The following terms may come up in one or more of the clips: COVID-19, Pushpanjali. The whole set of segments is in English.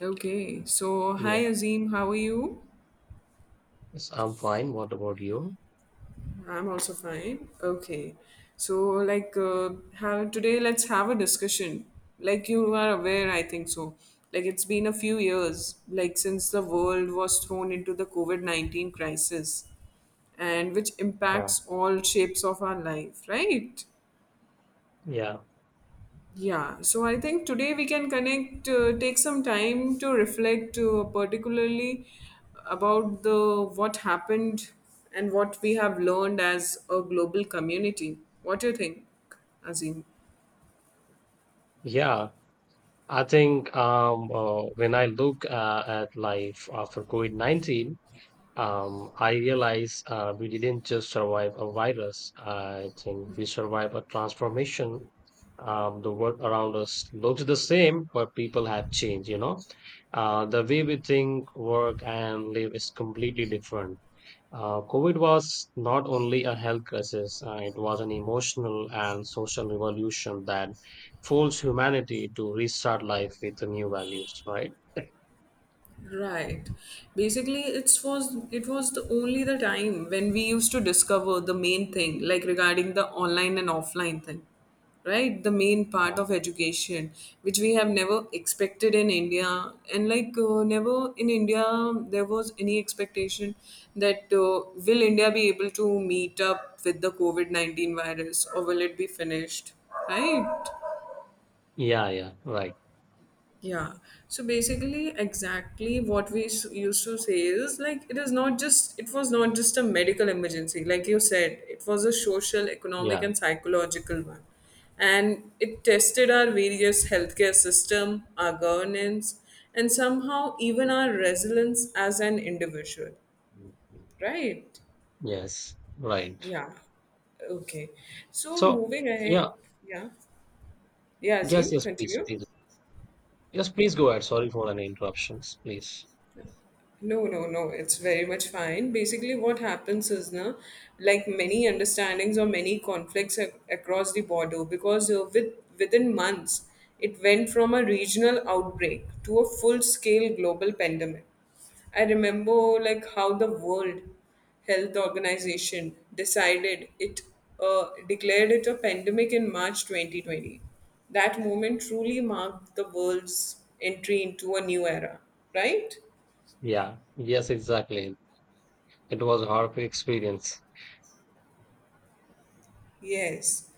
Okay, so hi Yeah. Azim, how are you? Yes, I'm fine. What about you? I'm also fine. Okay, so like, uh, have today let's have a discussion. Like you are aware, I think so. Like it's been a few years, like since the world was thrown into the COVID COVID-19 crisis, and which Yeah. impacts all shapes of our life, right? Yeah. Yeah, so I think today we can connect, take some time to reflect, particularly about the what happened and what we have learned as a global community. What do you think, Azim? Yeah. I think when I look at life after COVID-19. I realize we didn't just survive a virus. I think we survived a transformation. The world around us looks the same, but people have changed, you know. The way we think, work, and live is completely different. COVID was not only a health crisis, it was an emotional and social revolution that forced humanity to restart life with the new values, right? Right. Basically, it was the only the time when we used to discover the main thing, like regarding the online and offline thing, right? The main part Yeah. of education, which we have never expected in India, and never in India there was any expectation that will India be able to meet up with the COVID COVID-19 virus or will it be finished, right? Yeah, yeah, right. Yeah. So basically, exactly what used to say is like it was not just a medical emergency, like you said, it was a social, economic, Yeah, and psychological one, and it tested our various healthcare system, our governance, and somehow even our resilience as an individual. Right? yes, right. Yeah. Okay. So So, moving ahead. yeah, Yeah. Yeah, yes, Azim, yes, please, continue. please. Yes, please go ahead. Sorry for any interruptions, please. No, no, no. It's very much fine. Basically, what happens is, na, like many understandings or many conflicts across the border, because with within months, it went from a regional outbreak to a full-scale global pandemic. I remember like how the World Health Organization decided it declared it a pandemic in March 2020. That moment truly marked the world's entry into a new era, right? Yeah, yes, exactly. It was a hard experience. Yes.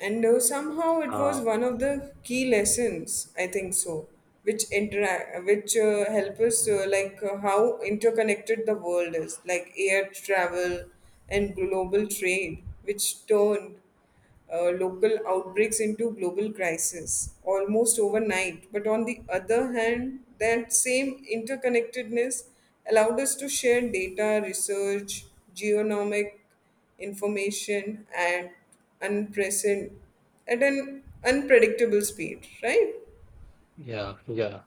And somehow it was Uh, one of the key lessons, I think so, which help us how interconnected the world is, like air travel and global trade, which turned local outbreaks into global crisis almost overnight. But on the other hand, that same interconnectedness allowed us to share data, research, genomic information at unprecedented at an unpredictable speed, right? yeah, yeah.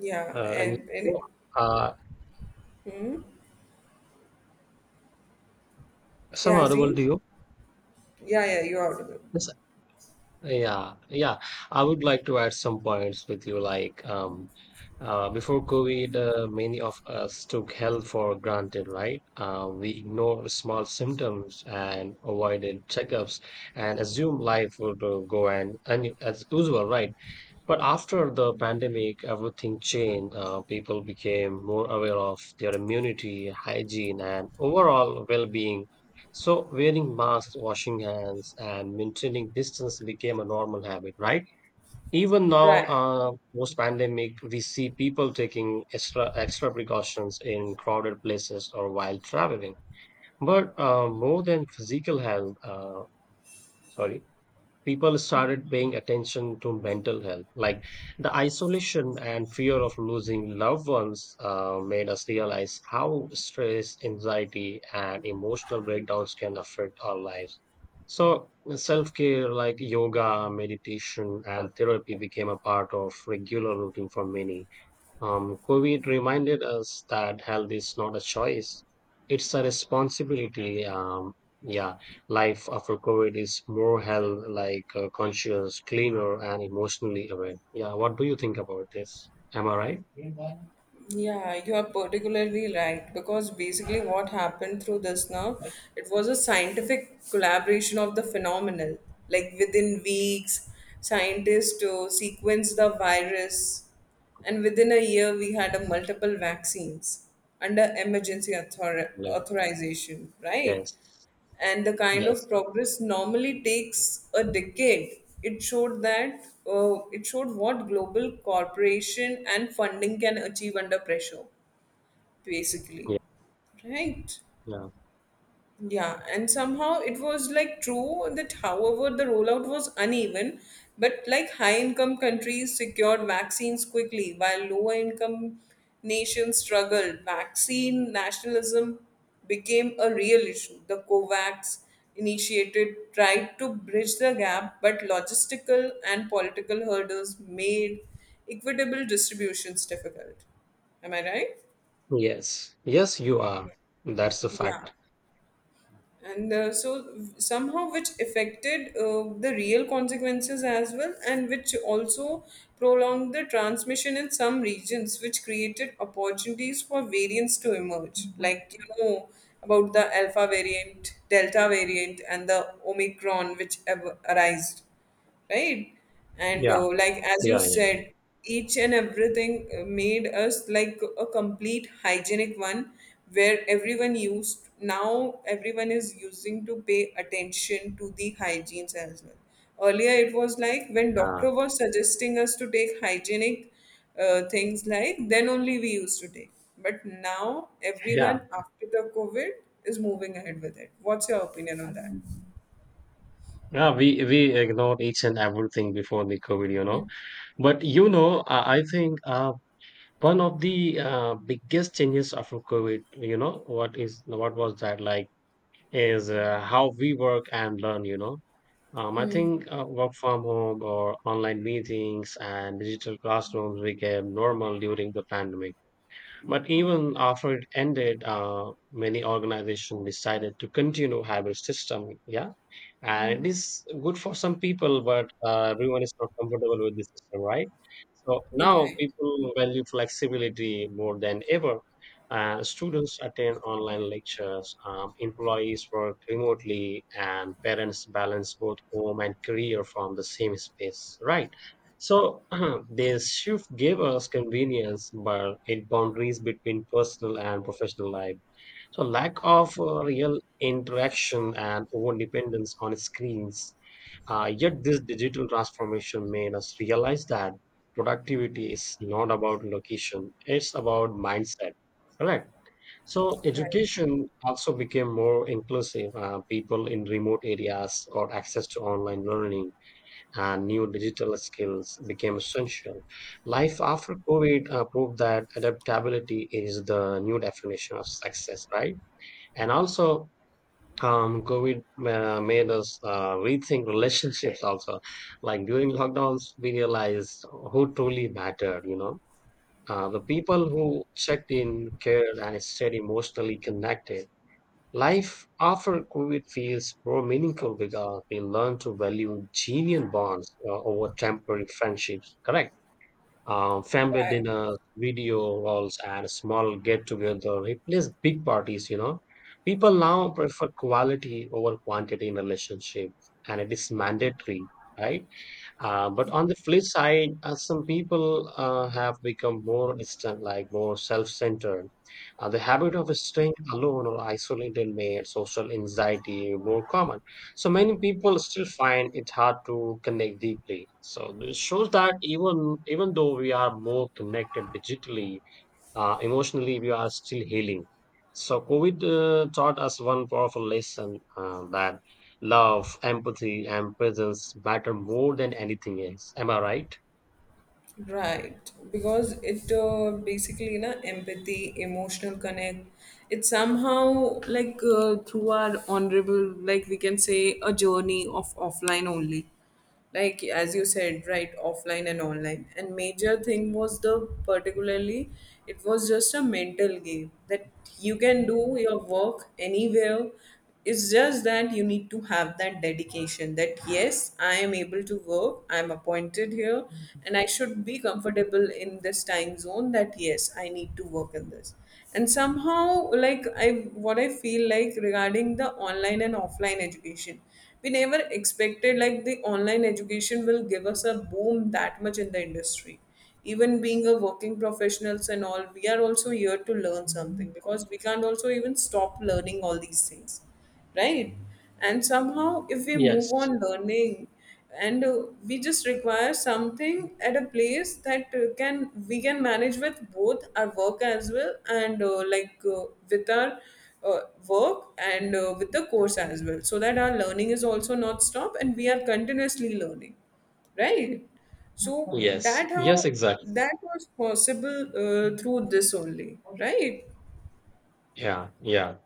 Yeah, And and uh, some yeah, audible to Aziz? you. Yeah, yeah, you're audible. Yes, yeah, yeah. I would like to add some points with you. Before COVID, many of us took health for granted, right? We ignored small symptoms and avoided checkups and assumed life would go and as usual, right? But after the pandemic, everything changed. People became more aware of their immunity, hygiene, and overall well being. So, wearing masks, washing hands, and maintaining distance became a normal habit, right? Even now, Right. Post pandemic, we see people taking extra, extra precautions in crowded places or while traveling. But more than physical health, sorry, people started paying attention to mental health. Like the isolation and fear of losing loved ones made us realize how stress, anxiety, and emotional breakdowns can affect our lives. So, self care like yoga, meditation, and therapy became a part of regular routine for many. COVID reminded us that health is not a choice, it's a responsibility. Yeah, life after COVID is more health like conscious, cleaner, and emotionally aware. Yeah, what do you think about this? Am I right? Yeah, Yeah, you are particularly right because basically what happened through this now, right. it was a scientific collaboration of the phenomenon. Like within weeks, scientists to sequence the virus, and within a year we had a multiple vaccines under emergency Like, authorization, right? yes, And the kind yes, of progress normally takes a decade. It showed what global cooperation and funding can achieve under pressure, basically. yeah, Right. yeah, Yeah, and somehow it was like true that, however, the rollout was uneven, but like high income countries secured vaccines quickly while lower income nations struggled. Vaccine nationalism became a real issue. The COVAX initiated tried to bridge the gap, but logistical and political hurdles made equitable distributions difficult. Am I right? yes, yes, you are. That's the Yeah. fact. And so somehow which affected the real consequences as well, and which also prolonged the transmission in some regions, which created opportunities for variants to emerge, like you know about the alpha variant, delta variant, and the omicron, which ever arised, right? And Yeah, like as you yeah, yeah, said, each and everything made us like a complete hygienic one, where everyone used, now everyone is using to pay attention to the hygienes as well. Earlier it was like when uh, doctor was suggesting us to take hygienic things, like then only we used to take, but now yeah. everyone after the COVID is moving ahead with it. What's your opinion on that? Yeah, we ignored each and everything before the COVID, you know. But you know, I think one of the biggest changes after COVID, you know, what was that like? Is how we work and learn. You know, I think work from home or online meetings and digital classrooms became normal during the pandemic. But even after it ended, many organizations decided to continue hybrid system. Yeah, and it is good for some people but everyone is not comfortable with the system, right? So now Right. people value flexibility more than ever. Students attend online lectures, employees work remotely, and parents balance both home and career from the same space, right? So this shift gave us convenience but it boundaries between personal and professional life, so lack of real interaction and over dependence on screens. Yet, this digital transformation made us realize that productivity is not about location, it's about mindset. Correct. So, Right. education also became more inclusive. People in remote areas got access to online learning, and new digital skills became essential. Life after COVID proved that adaptability is the new definition of success, right? And also, COVID made us rethink relationships also, like during lockdowns we realized who truly mattered, you know. The people who checked in cared and stayed emotionally connected. Life after COVID feels more meaningful because we learn to value genuine bonds over temporary friendships. Correct. Family Right. dinners, video halls, and small get-together replace big parties, you know. People now prefer quality over quantity in relationship, and it is mandatory, right? But on the flip side, some people have become more distant, like more self-centered. The habit of staying alone or isolated made social anxiety more common. So many people still find it hard to connect deeply. So this shows that even though we are more connected digitally, emotionally we are still healing. So COVID taught us one powerful lesson, that love, empathy, and presence matter more than anything else. Am I right? Right, because it basically na empathy, emotional connect. It's somehow like through our honorable, like we can say, a journey of offline only. Like as you said, right, offline and online. And major thing was the particularly, it was just a mental game that you can do your work anywhere. It's just that you need to have that dedication that yes, I am able to work, I am appointed here, and I should be comfortable in this time zone, that yes, I need to work in this. And somehow like I what I feel like regarding the online and offline education, we never expected like the online education will give us a boom that much in the industry. Even being a working professionals and all, we are also here to learn something, because we can't also even stop learning all these things, right? And somehow if we move on learning, and we just require something at a place that can, we can manage with both our work as well, and like with our uh, work, and with the course as well, so that our learning is also not stopped and we are continuously learning, right? So Yes, that how yes, exactly. that was possible through this only, right? Yeah, yeah.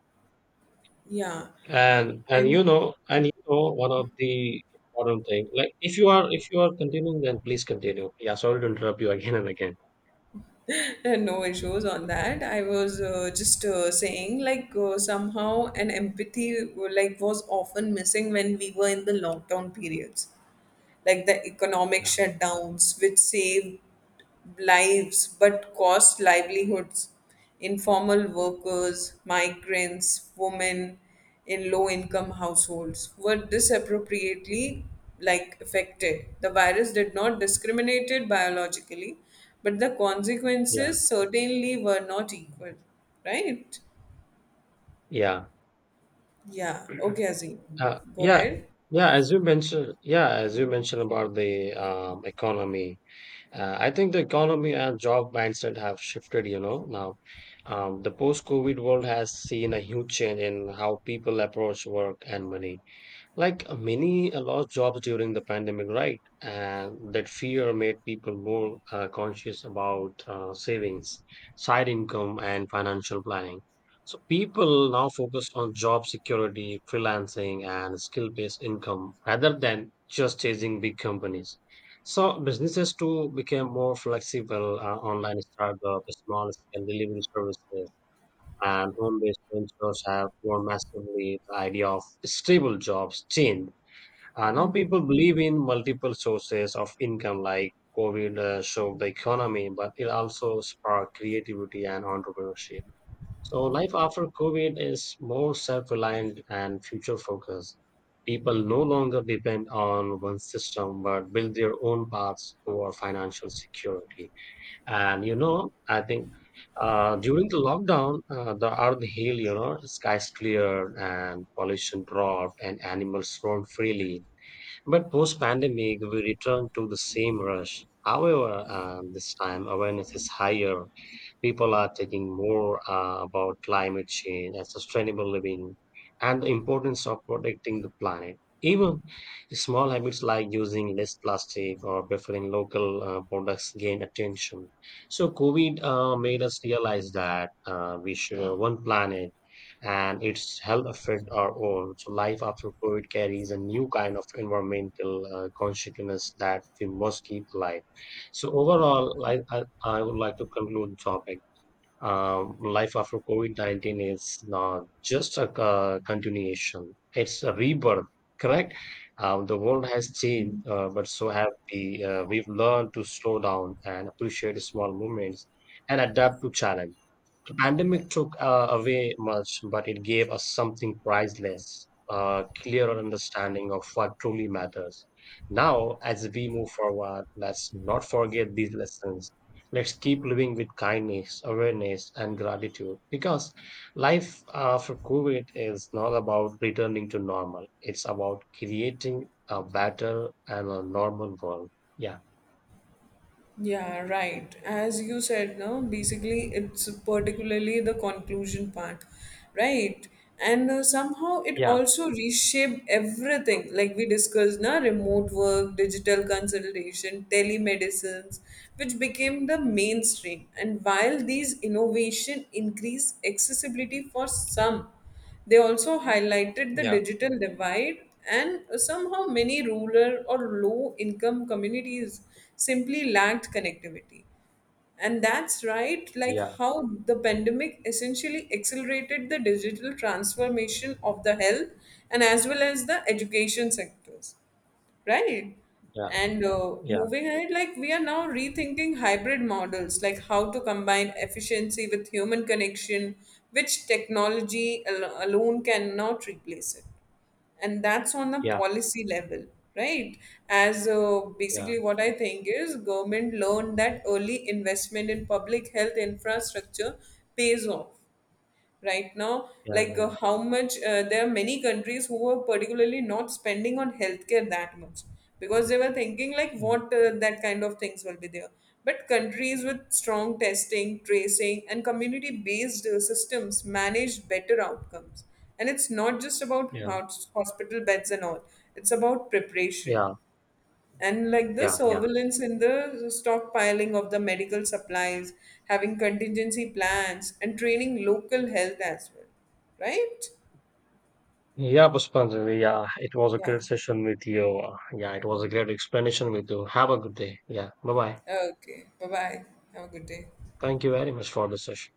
Yeah. And And you know, and you know, one of the important thing, like if you are continuing then please continue. Yeah, sorry to interrupt you again and again. no issues on that. I was just saying like somehow an empathy like was often missing when we were in the lockdown periods. Like the economic shutdowns, which saved lives but cost livelihoods, informal workers, migrants, women in low income households were disappropriately like affected. The virus did not discriminate biologically, but the Yeah, consequences certainly were not equal. Right? yeah, Yeah. Okay, Azim. uh, Go yeah. ahead. Yeah, as you mentioned about the economy. I think the economy and job mindset have shifted, you know, now. The post-COVID world has seen a huge change in how people approach work and money. Like many lost jobs during the pandemic, right? And that fear made people more conscious about savings, side income, and financial planning. So people now focus on job security, freelancing, and skill-based income rather than just chasing big companies. So businesses too became more flexible. Online startups, small-scale delivery services, and home-based ventures have grown massively. The idea of stable jobs change, now people believe in multiple sources of income. Like COVID shook the economy, but it also sparked creativity and entrepreneurship. So life after COVID is more self-reliant and future-focused. People no longer depend on one system, but build their own paths toward financial security. And you know, I think during the lockdown, the earth healed, you know, skies cleared and pollution dropped and animals roamed freely, but post pandemic, we return to the same rush. However, this time awareness is higher, people are taking more about climate change and sustainable living and the importance of protecting the planet. Even small habits like using less plastic or preferring local products gain attention. So COVID made us realize that we share one planet and its health affect our own. So life after COVID carries a new kind of environmental consciousness that we must keep alive. So overall, I would like to conclude the topic. Life after COVID-19 is not just a continuation, it's a rebirth, correct? The world has changed, but so have we. We've learned to slow down and appreciate small moments and adapt to challenge. The pandemic took away much, but it gave us something priceless, a clearer understanding of what truly matters. Now, as we move forward, let's not forget these lessons. Let's keep living with kindness, awareness, and gratitude, because life after COVID is not about returning to normal. It's about creating a better and a normal world. Yeah, Yeah, right. As you said, no, basically it's particularly the conclusion part, right? And somehow it yeah, also reshaped everything, like we discussed, na remote work, digital consultation, telemedicines, which became the mainstream. And while these innovation increase accessibility for some, they also highlighted the yeah, digital divide, and somehow many rural or low income communities simply lacked connectivity. And that's right, like yeah, how the pandemic essentially accelerated the digital transformation of the health and as well as the education sectors, right? And yeah, moving ahead, like we are now rethinking hybrid models, like how to combine efficiency with human connection, which technology alone cannot replace it. And that's on the yeah, policy level, right? As yeah, basically what I think is, government learned that early investment in public health infrastructure pays off, right? Now yeah, like yeah, how much there are many countries who were particularly not spending on healthcare that much, because they were thinking like yeah, what that kind of things will be there, but countries with strong testing, tracing, and community based systems managed better outcomes. And it's not just about yeah. Hospital beds and all, it's about preparation Yeah, and like the yeah, yeah. surveillance in the stockpiling of the medical supplies, having contingency plans, and training local health as well. Right? Yeah, Pushpanjali, yeah, it was a Yeah. great session with you. Yeah, it was a great explanation with you. Have a good day. Yeah, bye bye. Okay. Bye bye. Have a good day. Thank you very much for the session.